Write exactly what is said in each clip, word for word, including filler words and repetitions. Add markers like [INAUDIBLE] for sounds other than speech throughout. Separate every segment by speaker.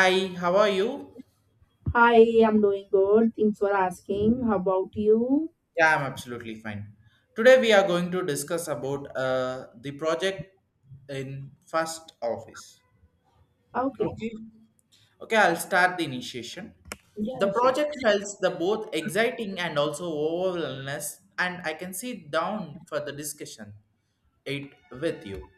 Speaker 1: Hi, how are you?
Speaker 2: Hi, I'm doing good. Thanks for asking. How about you?
Speaker 1: Yeah, I'm absolutely fine. Today we are going to discuss about uh, the project in first office.
Speaker 2: Okay.
Speaker 1: Okay. Okay, I'll start the initiation. The
Speaker 2: Yeah, sure.
Speaker 1: project felt the both exciting and also overwhelmness, and I can sit down for the discussion. It with you.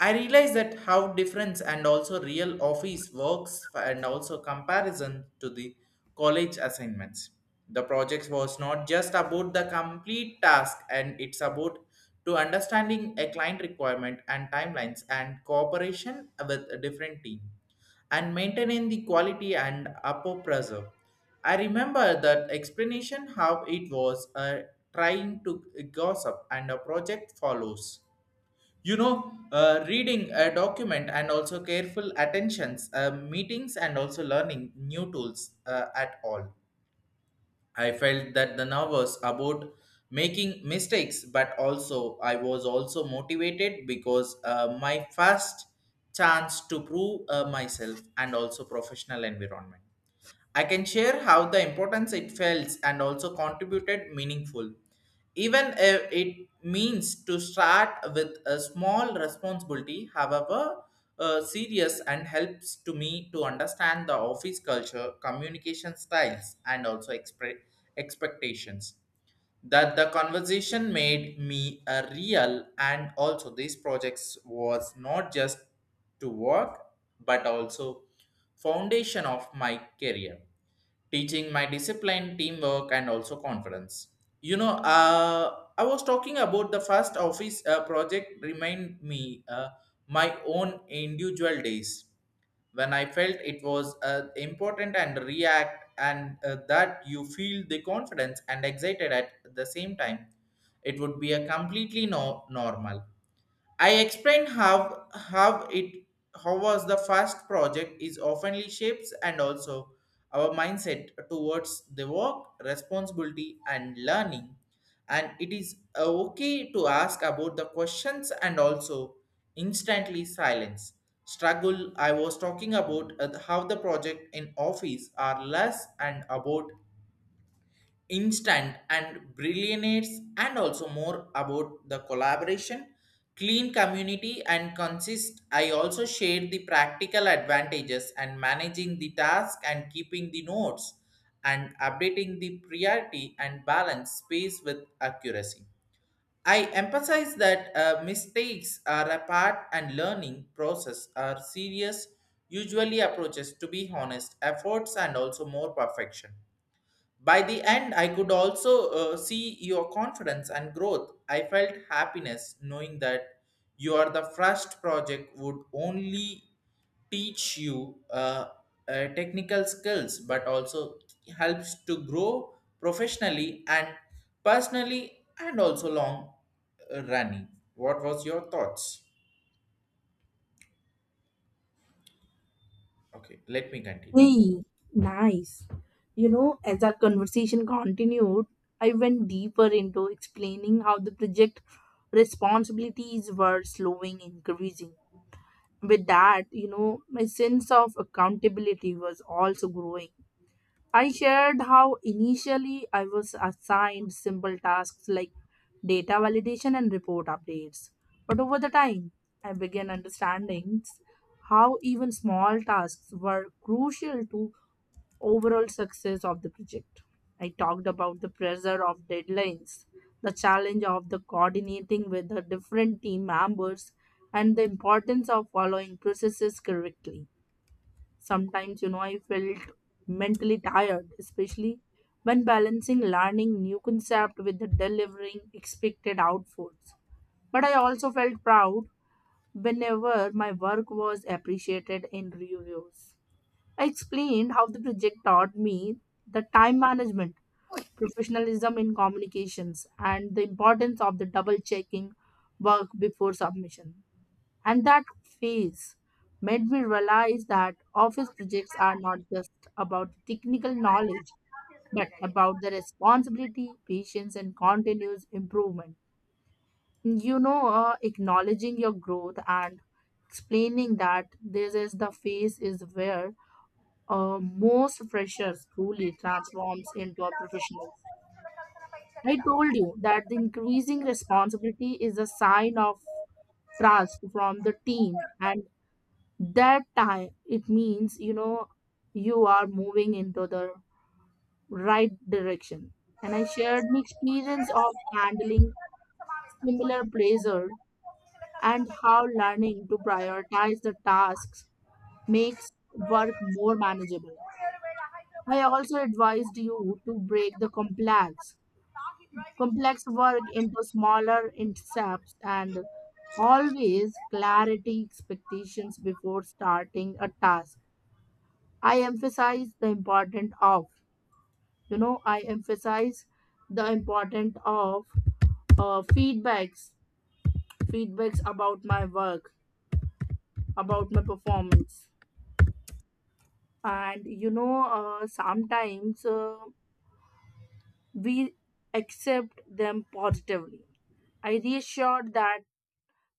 Speaker 1: I realize that how difference and also real office works and also comparison to the college assignments. The project was not just about the complete task and it's about to understanding a client requirement and timelines and cooperation with a different team and maintaining the quality and upper pressure. I remember that explanation how it was uh, trying to gossip and a project follows you know uh, reading a document and also careful attentions uh, meetings and also learning new tools uh, at all. I felt that the nervous about making mistakes, but also I was also motivated because uh, my first chance to prove uh, myself and also professional environment. I can share how the importance it felt and also contributed meaningful. Even if it means to start with a small responsibility, however uh, serious and helps to me to understand the office culture, communication styles, and also expre- expectations that the conversation made me a real and also these projects was not just to work, but also foundation of my career, teaching my discipline, teamwork, and also confidence. You know uh, i was talking about the first office uh, project remind me uh, my own individual days when I felt it was uh, important and react and uh, that you feel the confidence and excited at the same time. It would be a completely no normal. I explain how how it how was the first project is oftenly shapes and also our mindset towards the work, responsibility and learning. And it is uh, okay to ask about the questions and also instantly silence. Struggle I was talking about uh, how the project in office are less and about instant and brilliance, and also more about the collaboration, clean community, and consist. I also shared the practical advantages and managing the task and keeping the notes and updating the priority and balance space with accuracy. I emphasize that uh, mistakes are a part and learning process are serious, usually approaches to be honest efforts and also more perfection. By the end, I could also uh, see your confidence and growth. I felt happiness knowing that your the first project would only teach you uh, uh, technical skills, but also helps to grow professionally and personally, and also long uh, running. What was your thoughts? Okay, let me continue.
Speaker 2: Hey, nice. You know, as our conversation continued, I went deeper into explaining how the project responsibilities were slowing increasing. With that, you know, my sense of accountability was also growing. I shared how initially I was assigned simple tasks like data validation, and report updates. But over the time, I began understanding how even small tasks were crucial to overall success of the project. I talked about the pressure of deadlines, the challenge of the coordinating with the different team members, and the importance of following processes correctly. Sometimes, you know, I felt mentally tired, especially when balancing learning new concept with the delivering expected outputs. But I also felt proud whenever my work was appreciated in reviews. I explained how the project taught me the time management, professionalism in communications, and the importance of the double checking work before submission. And that phase made me realize that office projects are not just about technical knowledge, but about the responsibility, patience, and continuous improvement. You know, uh, acknowledging your growth and explaining that this is the phase is where uh, most freshers truly transforms into a professional. I told you that the increasing responsibility is a sign of trust from the team, and that time it means, you know, you are moving into the right direction. And I shared my experience of handling similar pressure and how learning to prioritize the tasks makes work more manageable. I also advised you to break the complex complex work into smaller steps and always clarity expectations before starting a task. I emphasize the important of, you know, I emphasize the important of uh, feedbacks, feedbacks about my work, about my performance. And, you know, uh, sometimes uh, we accept them positively. I reassured that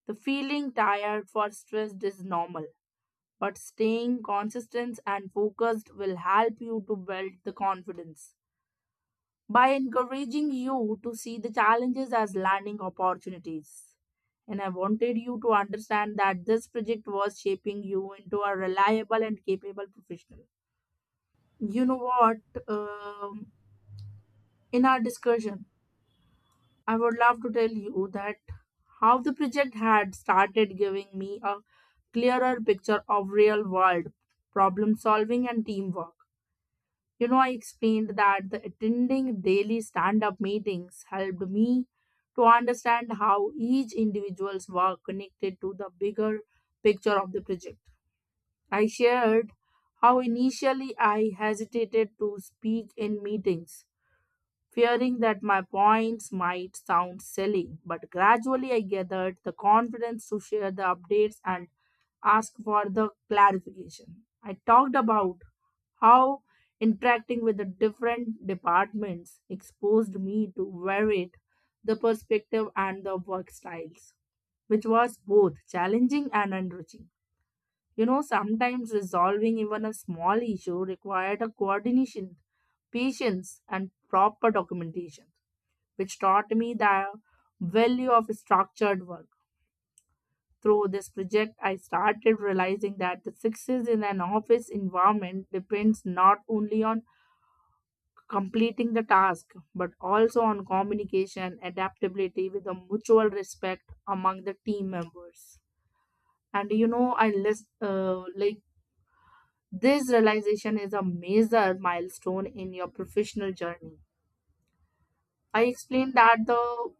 Speaker 2: the feeling tired for stressed is normal, but staying consistent and focused will help you to build the confidence, by encouraging you to see the challenges as learning opportunities. And I wanted you to understand that this project was shaping you into a reliable and capable professional. You know what? Um, in our discussion, I would love to tell you that how the project had started giving me a clearer picture of real world problem solving and teamwork. You know, I explained that the attending daily stand up meetings helped me to understand how each individual's work connected to the bigger picture of the project. I shared how initially I hesitated to speak in meetings, fearing that my points might sound silly, but gradually I gathered the confidence to share the updates and ask for the clarification. I talked about how interacting with the different departments exposed me to varied the perspective and the work styles, which was both challenging and enriching. You know, sometimes resolving even a small issue required a coordination, patience, and proper documentation, which taught me the value of structured work. Through this project, I started realizing that the success in an office environment depends not only on completing the task but also on communication, adaptability with a mutual respect among the team members. And you know, I list uh, like this realization is a major milestone in your professional journey. I explained that the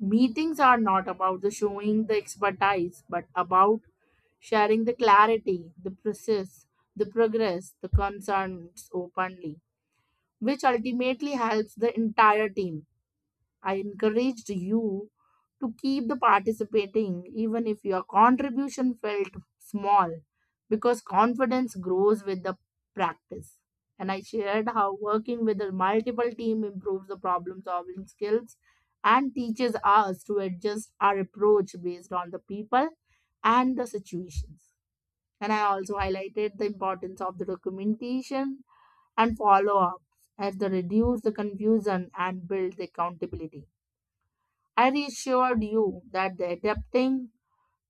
Speaker 2: meetings are not about the showing the expertise but about sharing the clarity, the process, the progress, the concerns openly, which ultimately helps the entire team. I encouraged you to keep the participating even if your contribution felt small, because confidence grows with the practice. And I shared how working with a multiple team improves the problem solving skills and teaches us to adjust our approach based on the people and the situations. And I also highlighted the importance of the documentation and follow up, as they reduce the confusion and build the accountability. I reassured you that the adapting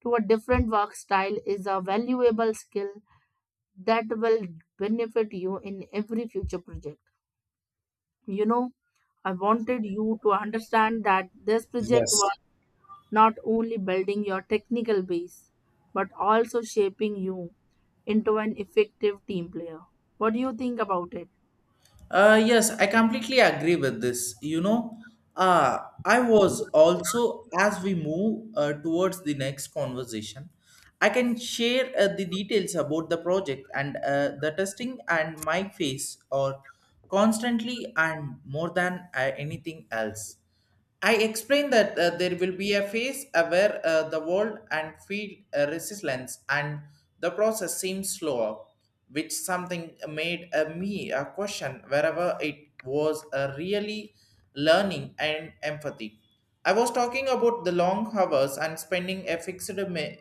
Speaker 2: to a different work style is a valuable skill that will benefit you in every future project. You know, I wanted you to understand that this project was
Speaker 1: Yes.
Speaker 2: not only building your technical base but also shaping you into an effective team player. What do you think about it?
Speaker 1: Uh, yes, I completely agree with this. You know, uh, I was also, as we move uh, towards the next conversation, I can share uh, the details about the project and uh, the testing and my face or constantly and more than uh, anything else. I explained that uh, there will be a phase uh, where uh, the world and field uh, resistance and the process seems slower, which something made uh, me a question wherever it was uh, really learning and empathy. I was talking about the long hours and spending a fixed mi-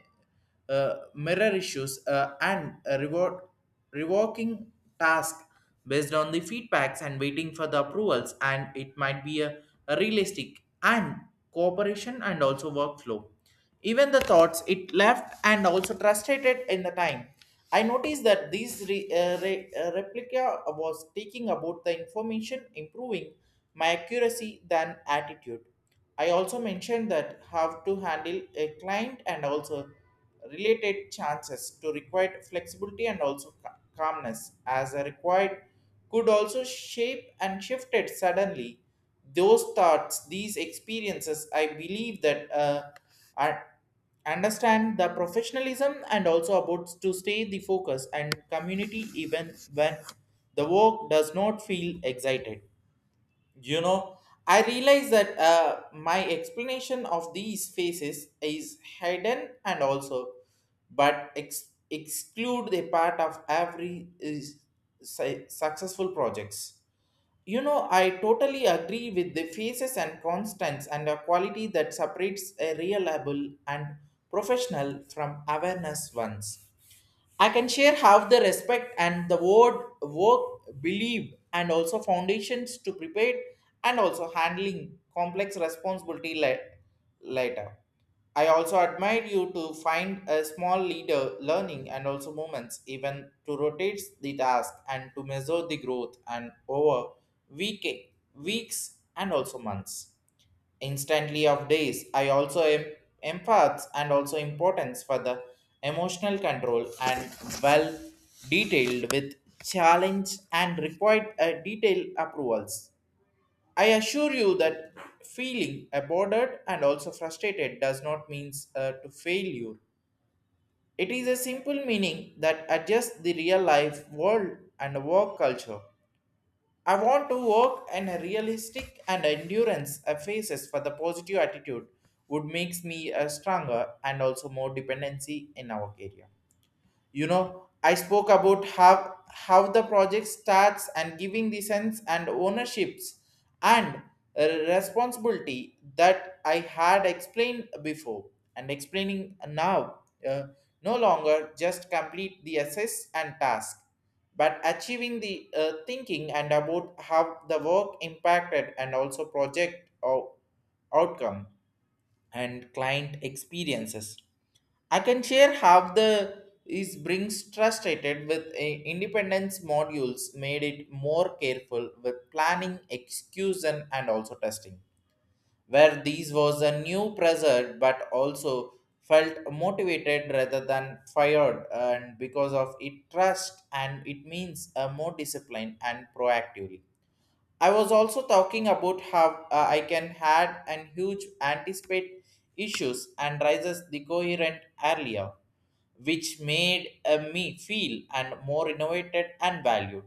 Speaker 1: uh, mirror issues, uh, and a reward, revoking task based on the feedbacks and waiting for the approvals. And it might be a, a realistic and cooperation and also workflow. Even the thoughts it left and also trusted it in the time. I noticed that this re, uh, re, uh, replica was taking about the information, improving my accuracy than attitude. I also mentioned that how to handle a client and also related chances to require flexibility and also ca- calmness as are required could also shape and shifted suddenly those thoughts. These experiences I believe that uh, I understand the professionalism and also about to stay the focus and community even when the work does not feel excited. You know, I realize that uh, my explanation of these faces is hidden and also, but ex- exclude the part of every is, su- successful projects. You know, I totally agree with the faces and constants and a quality that separates a reliable and professional from awareness ones. I can share how the respect and the word work, believe, and also foundations to prepare and also handling complex responsibility la- later. I also admire you to find a small leader learning and also moments, even to rotate the task and to measure the growth and over week, weeks and also months instantly of days. I also am empaths and also importance for the emotional control and well detailed with challenge and required uh, detailed approvals. I assure you that feeling aborted and also frustrated does not mean uh, to failure. It is a simple meaning that adjusts the real life world and work culture. I want to work in a realistic and endurance a faces for the positive attitude would makes me a stronger and also more dependency in our area. You know i spoke about how how the project starts and giving the sense and ownerships and uh, responsibility that I had explained before and explaining now, uh, no longer just complete the assess and task, but achieving the uh, thinking and about how the work impacted and also project or outcome and client experiences. I can share how the is brings frustrated with a independence modules made it more careful with planning, execution, and also testing. Where these was a new pressure, but also felt motivated rather than fired, and because of it trust and it means a more discipline and proactively. I was also talking about how uh, I can had and huge anticipate issues and rises the coherent earlier, which made uh, me feel and more innovated and valued.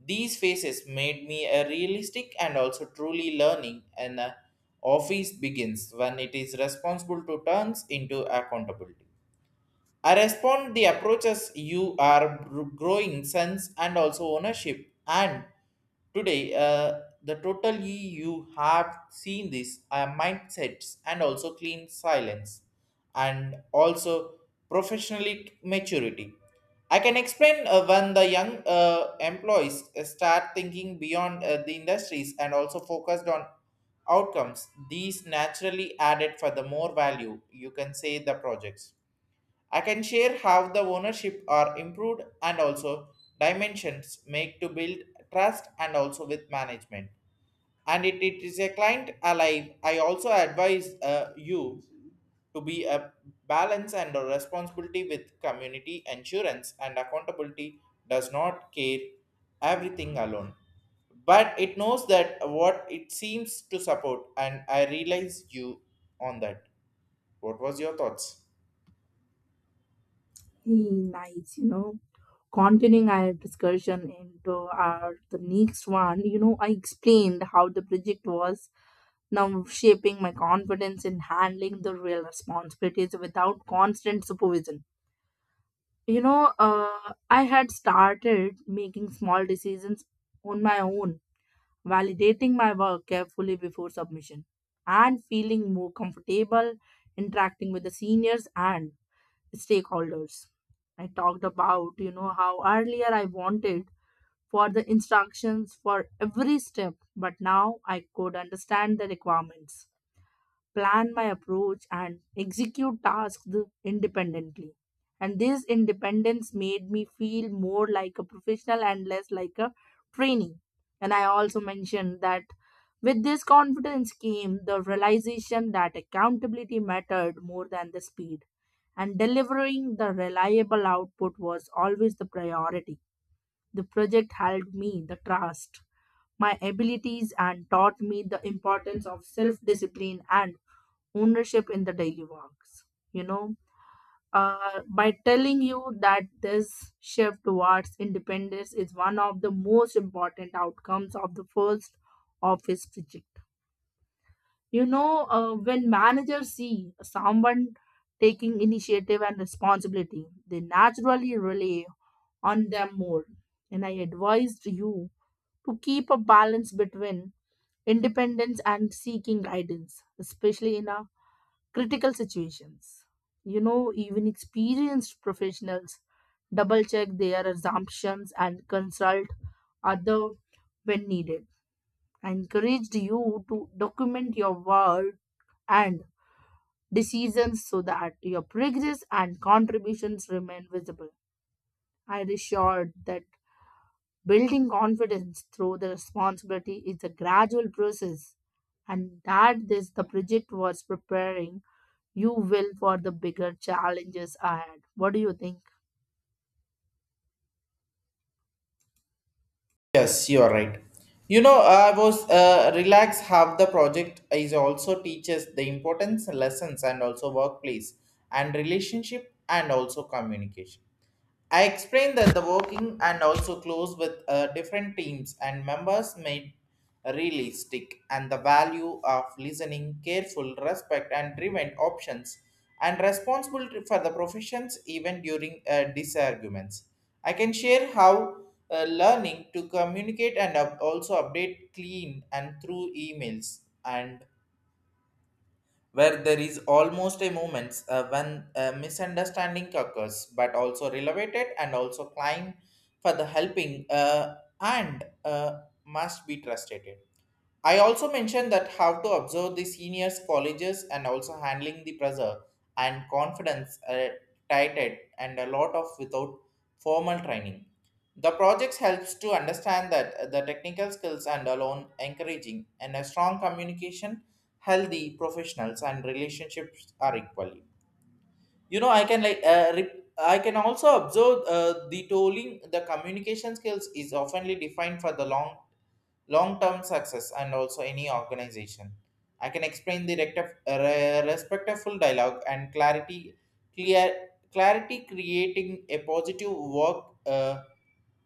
Speaker 1: These phases made me a realistic and also truly learning and uh, office begins when it is responsible to turns into accountability. I respond the approaches you are gr- growing sense and also ownership. And today, uh, the total ye you have seen this uh, mindsets and also clean silence and also professionally maturity. I can explain uh, when the young uh, employees uh, start thinking beyond uh, the industries and also focused on outcomes. These naturally added for the more value you can say the projects. I can share how the ownership are improved and also dimensions make to build trust and also with management. And it, it is a client alive. I also advise uh, you to be a balance and a responsibility with community insurance and accountability does not care everything alone. But it knows that what it seems to support and I realize you on that. What was your thoughts?
Speaker 2: Hey, nice. You know, continuing our discussion into our the next one, you know, I explained how the project was now shaping my confidence in handling the real responsibilities without constant supervision. you know uh, I had started making small decisions on my own, validating my work carefully before submission, and feeling more comfortable interacting with the seniors and stakeholders. I talked about, you know, how earlier I wanted for the instructions for every step, but now I could understand the requirements, plan my approach, and execute tasks independently. And this independence made me feel more like a professional and less like a trainee. And I also mentioned that with this confidence came the realization that accountability mattered more than the speed, and delivering the reliable output was always the priority. The project held me the trust, my abilities, and taught me the importance of self discipline and ownership in the daily works. You know, uh, by telling you that this shift towards independence is one of the most important outcomes of the first office. You know, uh, when managers see someone taking initiative and responsibility, they naturally rely on them more. And I advised you to keep a balance between independence and seeking guidance, especially in a critical situations. You know, even experienced professionals double check their assumptions and consult other when needed. I encouraged you to document your work and decisions so that your progress and contributions remain visible. I reassured that building confidence through the responsibility is a gradual process, and that this the project was preparing you well for the bigger challenges ahead. What do you think?
Speaker 1: Yes, you are right. You know, I was uh, relaxed how the project is also teaches the importance, lessons, and also workplace and relationship and also communication. I explained that the working and also close with uh, different teams and members made realistic and the value of listening, careful, respect, and driven options and responsibility for the professions even during uh, disarguments. I can share how uh, learning to communicate and up- also update clean and through emails, and where there is almost a moment uh, when a misunderstanding occurs, but also relevant and also climb for the helping uh, and uh, must be trusted. I also mentioned that how to observe the seniors' colleges and also handling the pressure and confidence uh, tighted and a lot of without formal training. The projects helps to understand that the technical skills and alone encouraging and a strong communication, healthy professionals and relationships are equally. You know i can like uh, re- i can also observe uh, the tolling the communication skills is oftenly defined for the long long term success and also any organization. I can explain the rectif- re- respectful dialogue and clarity clear clarity creating a positive work uh,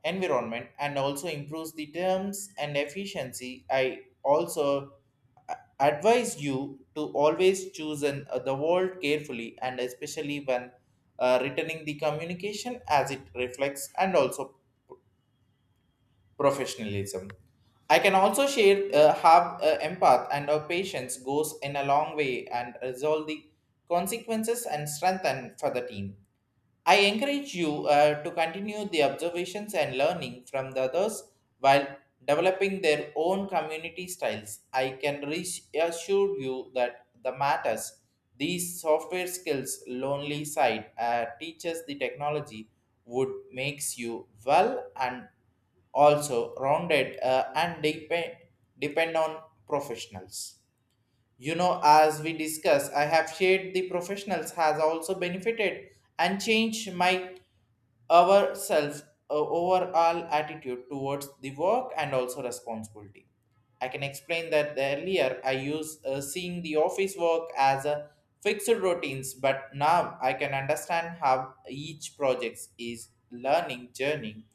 Speaker 1: environment and also improves the terms and efficiency. I also a- advise you to always choose an, uh, the word carefully and especially when uh, returning the communication as it reflects and also professionalism. I can also share uh, have uh, empath and our patience goes in a long way and resolve the consequences and strengthen for the team. I encourage you uh, to continue the observations and learning from the others while developing their own community styles. I can reassure you that the matters these software skills lonely side uh, teaches the technology would makes you well and also rounded uh, and depend depend on professionals. You know, as we discuss, I have shared the professionals has also benefited and changed my ourselves uh, overall attitude towards the work and also responsibility. I can explain that earlier I used uh, seeing the office work as a fixed routines, but now I can understand how each project is learning journey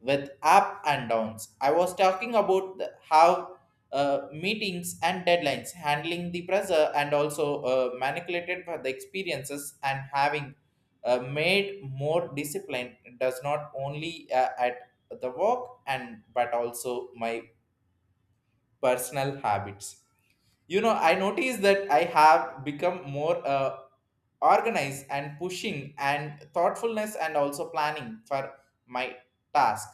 Speaker 1: with up and downs. I was talking about the, how uh, meetings and deadlines, handling the pressure, and also uh, manipulated by the experiences and having uh, made more discipline does not only uh, at the work and but also my personal habits. You know, I noticed that I have become more uh, organized and pushing and thoughtfulness and also planning for my task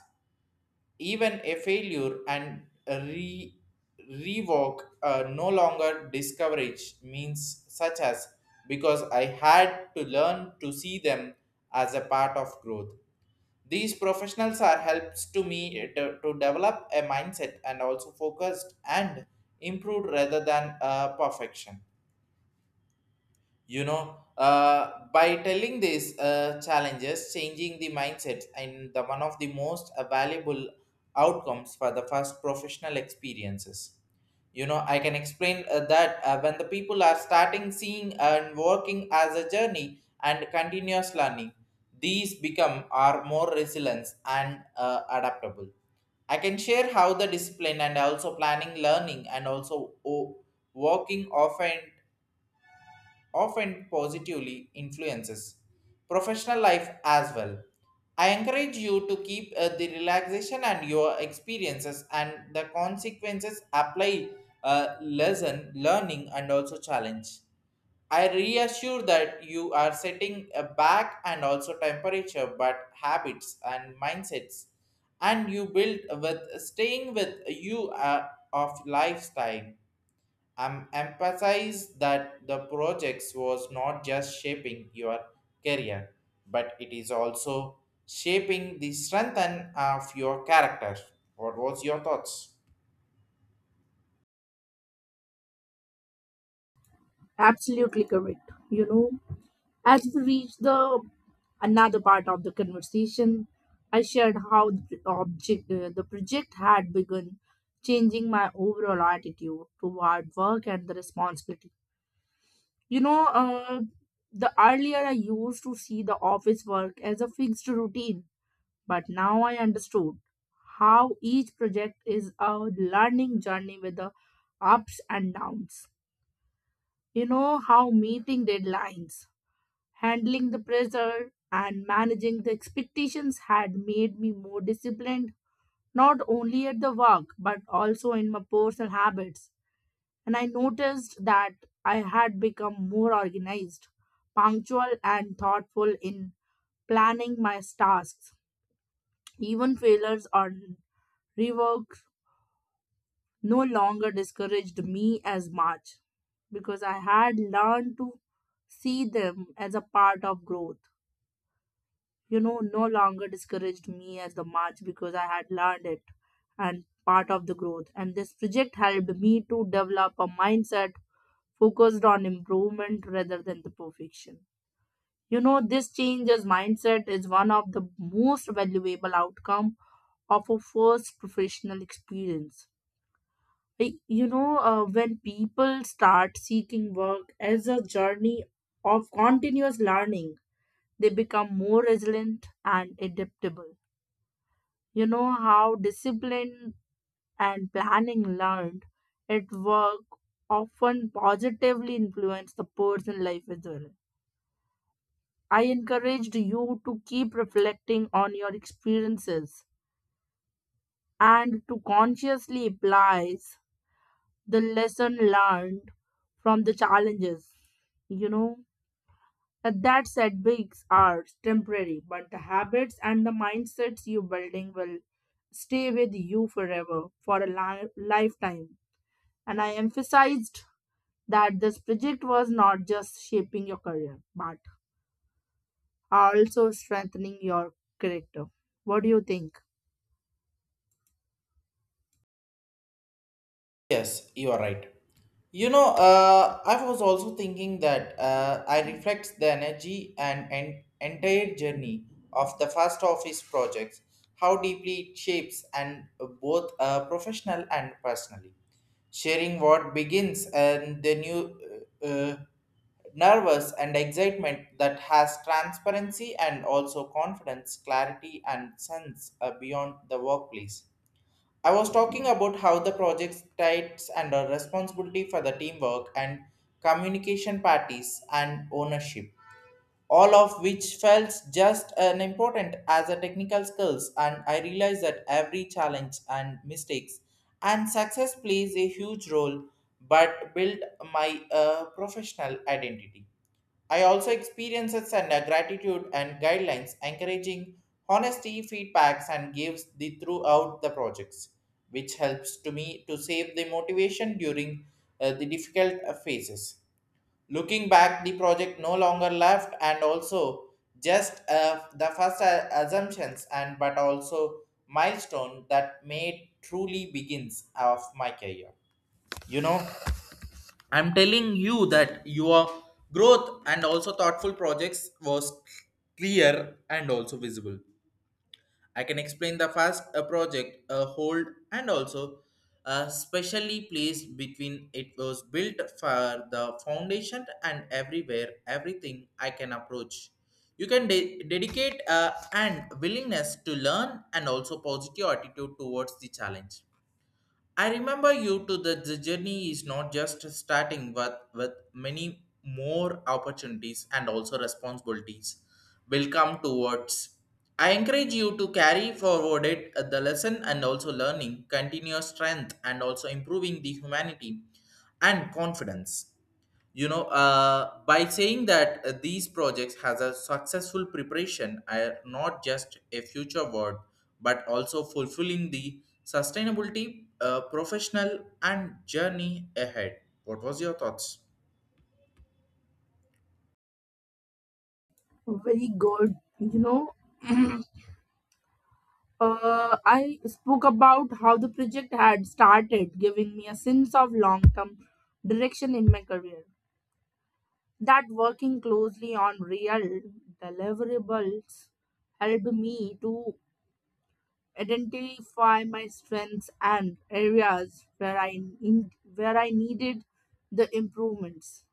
Speaker 1: even a failure and re revoke uh, no longer discourage means such as because I had to learn to see them as a part of growth. These professionals are helps to me to, to develop a mindset and also focused and improved rather than uh, perfection. You know uh, by telling these uh, challenges changing the mindsets and the one of the most uh, valuable outcomes for the first professional experiences. you know I can explain uh, that uh, when the people are starting seeing and working as a journey and continuous learning, these become are more resilient and uh, adaptable. I can share how the discipline and also planning learning and also o- working often often positively influences professional life as well. I encourage you to keep uh, the relaxation and your experiences and the consequences apply uh, lesson learning and also challenge. I reassure that you are setting a back and also temperature but habits and mindsets and you build with staying with you uh, of lifestyle. I'm emphasized that the projects was not just shaping your career, but it is also shaping the strength and of your character. What was your thoughts?
Speaker 2: Absolutely correct. You know, as we reached the another part of the conversation, I shared how the object uh, the project had begun changing my overall attitude toward work and the responsibility. You know, uh, the earlier I used to see the office work as a fixed routine, but now I understood how each project is a learning journey with the ups and downs. You know how meeting deadlines, handling the pressure and managing the expectations had made me more disciplined, not only at the work, but also in my personal habits. And I noticed that I had become more organized, punctual, and thoughtful in planning my tasks. Even failures or rework no longer discouraged me as much because I had learned to see them as a part of growth. You know, no longer discouraged me as the march because I had learned it and part of the growth. And this project helped me to develop a mindset focused on improvement rather than the perfection. You know, this change as mindset is one of the most valuable outcome of a first professional experience. I- You know, uh, when people start seeking work as a journey of continuous learning, they become more resilient and adaptable. You know how discipline and planning learned at work often positively influence the personal life as well. I encouraged you to keep reflecting on your experiences and to consciously apply the lesson learned from the challenges. You know, and that setbacks are temporary, but the habits and the mindsets you building will stay with you forever for a li- lifetime. And I emphasized that this project was not just shaping your career, but also strengthening your character. What do you think?
Speaker 1: Yes, you are right. You know, uh, I was also thinking that uh, I reflect the energy and, and entire journey of the first office projects, how deeply it shapes and uh, both uh, professional and personally. Sharing what begins and the new uh, uh, nervous and excitement that has transparency and also confidence, clarity and sense uh, beyond the workplace. I was talking about how the project types and under responsibility for the teamwork and communication parties and ownership, all of which felt just as important as the technical skills. And I realized that every challenge and mistakes and success plays a huge role, but build my uh, professional identity. I also experiences and uh, gratitude and guidelines encouraging honesty feedbacks and gives the throughout the projects, which helps to me to save the motivation during uh, the difficult uh, phases. Looking back, the project no longer left and also just uh, the first uh, assumptions and but also milestone that made truly begins of my career. You know, I'm telling you that your growth and also thoughtful projects was clear and also visible. I can explain the first uh, project, a hold, and also uh, specially placed between it was built for the foundation and everywhere, everything I can approach. You can de- dedicate uh, and willingness to learn and also positive attitude towards the challenge. I remember you to that the journey is not just starting with, with many more opportunities and also responsibilities will come towards. I encourage you to carry forward it, uh, the lesson and also learning, continuous strength and also improving the humanity and confidence. You know uh, by saying that uh, these projects has a successful preparation are not just a future word but also fulfilling the sustainability uh, professional and journey ahead. What was your thoughts?
Speaker 2: Very good. You know, uh, I spoke about how the project had started, giving me a sense of long term direction in my career. That working closely on real deliverables helped me to identify my strengths and areas where I need, where I needed the improvements.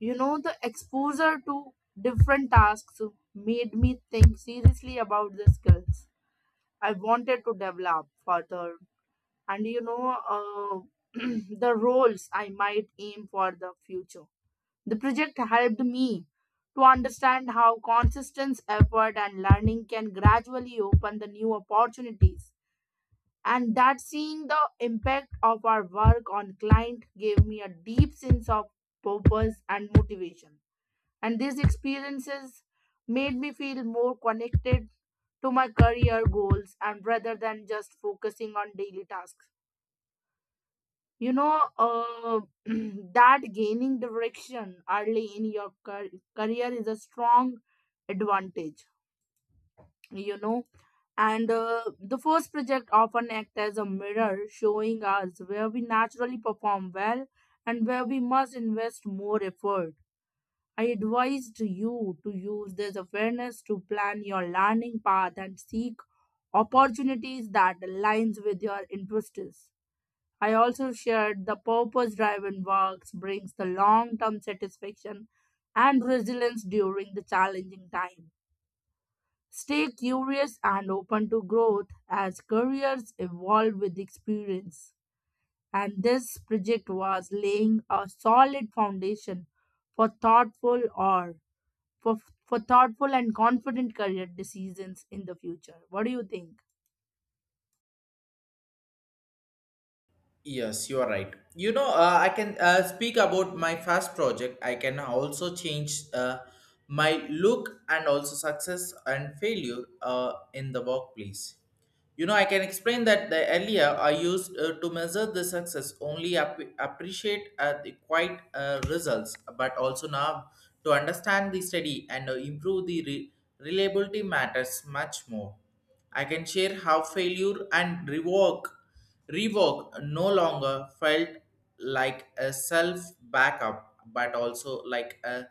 Speaker 2: You know, the exposure to different tasks made me think seriously about the skills I wanted to develop further, and you know, uh, [CLEARS THROAT] the roles I might aim for the future. The project helped me to understand how consistent effort and learning can gradually open the new opportunities, and that seeing the impact of our work on client gave me a deep sense of purpose and motivation. And these experiences made me feel more connected to my career goals and rather than just focusing on daily tasks. you know uh, [CLEARS THROAT] that gaining direction early in your car- career is a strong advantage. You know, and uh, the first project often act as a mirror showing us where we naturally perform well and where we must invest more effort. I advised you to use this awareness to plan your learning path and seek opportunities that aligns with your interests. I also shared the purpose driven works brings the long term satisfaction and resilience during the challenging times. Stay curious and open to growth as careers evolve with experience. And this project was laying a solid foundation for thoughtful or for, for thoughtful and confident career decisions in the future. What do you think?
Speaker 1: Yes, you are right. You know, uh, I can uh, speak about my first project. I can also change uh, my look and also success and failure uh, in the workplace. You know, I can explain that the earlier I used uh, to measure the success only app- appreciate uh, the quite uh, results, but also now to understand the study and uh, improve the re- reliability matters much more. I can share how failure and rework Reebok no longer felt like a self backup, but also like a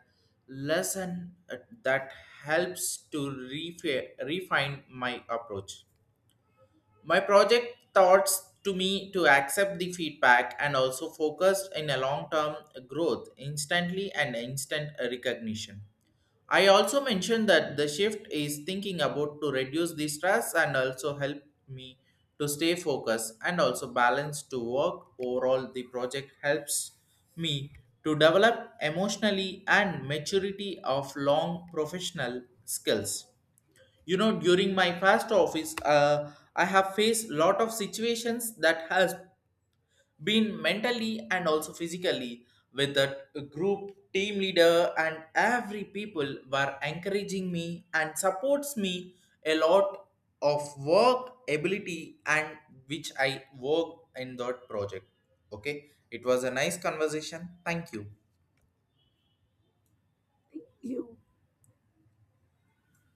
Speaker 1: lesson uh, that helps to refi- refine my approach. My project thoughts to me to accept the feedback and also focused in a long term growth instantly and instant recognition. I also mentioned that the shift is thinking about to reduce the stress and also help me to stay focused and also balance to work. Overall, the project helps me to develop emotionally and maturity of long professional skills. You know, during my past office, uh, I have faced lot of situations that has been mentally and also physically with the group team leader and every people were encouraging me and supports me a lot of work ability and which I work in that project. Okay, it was a nice conversation. Thank you.
Speaker 2: You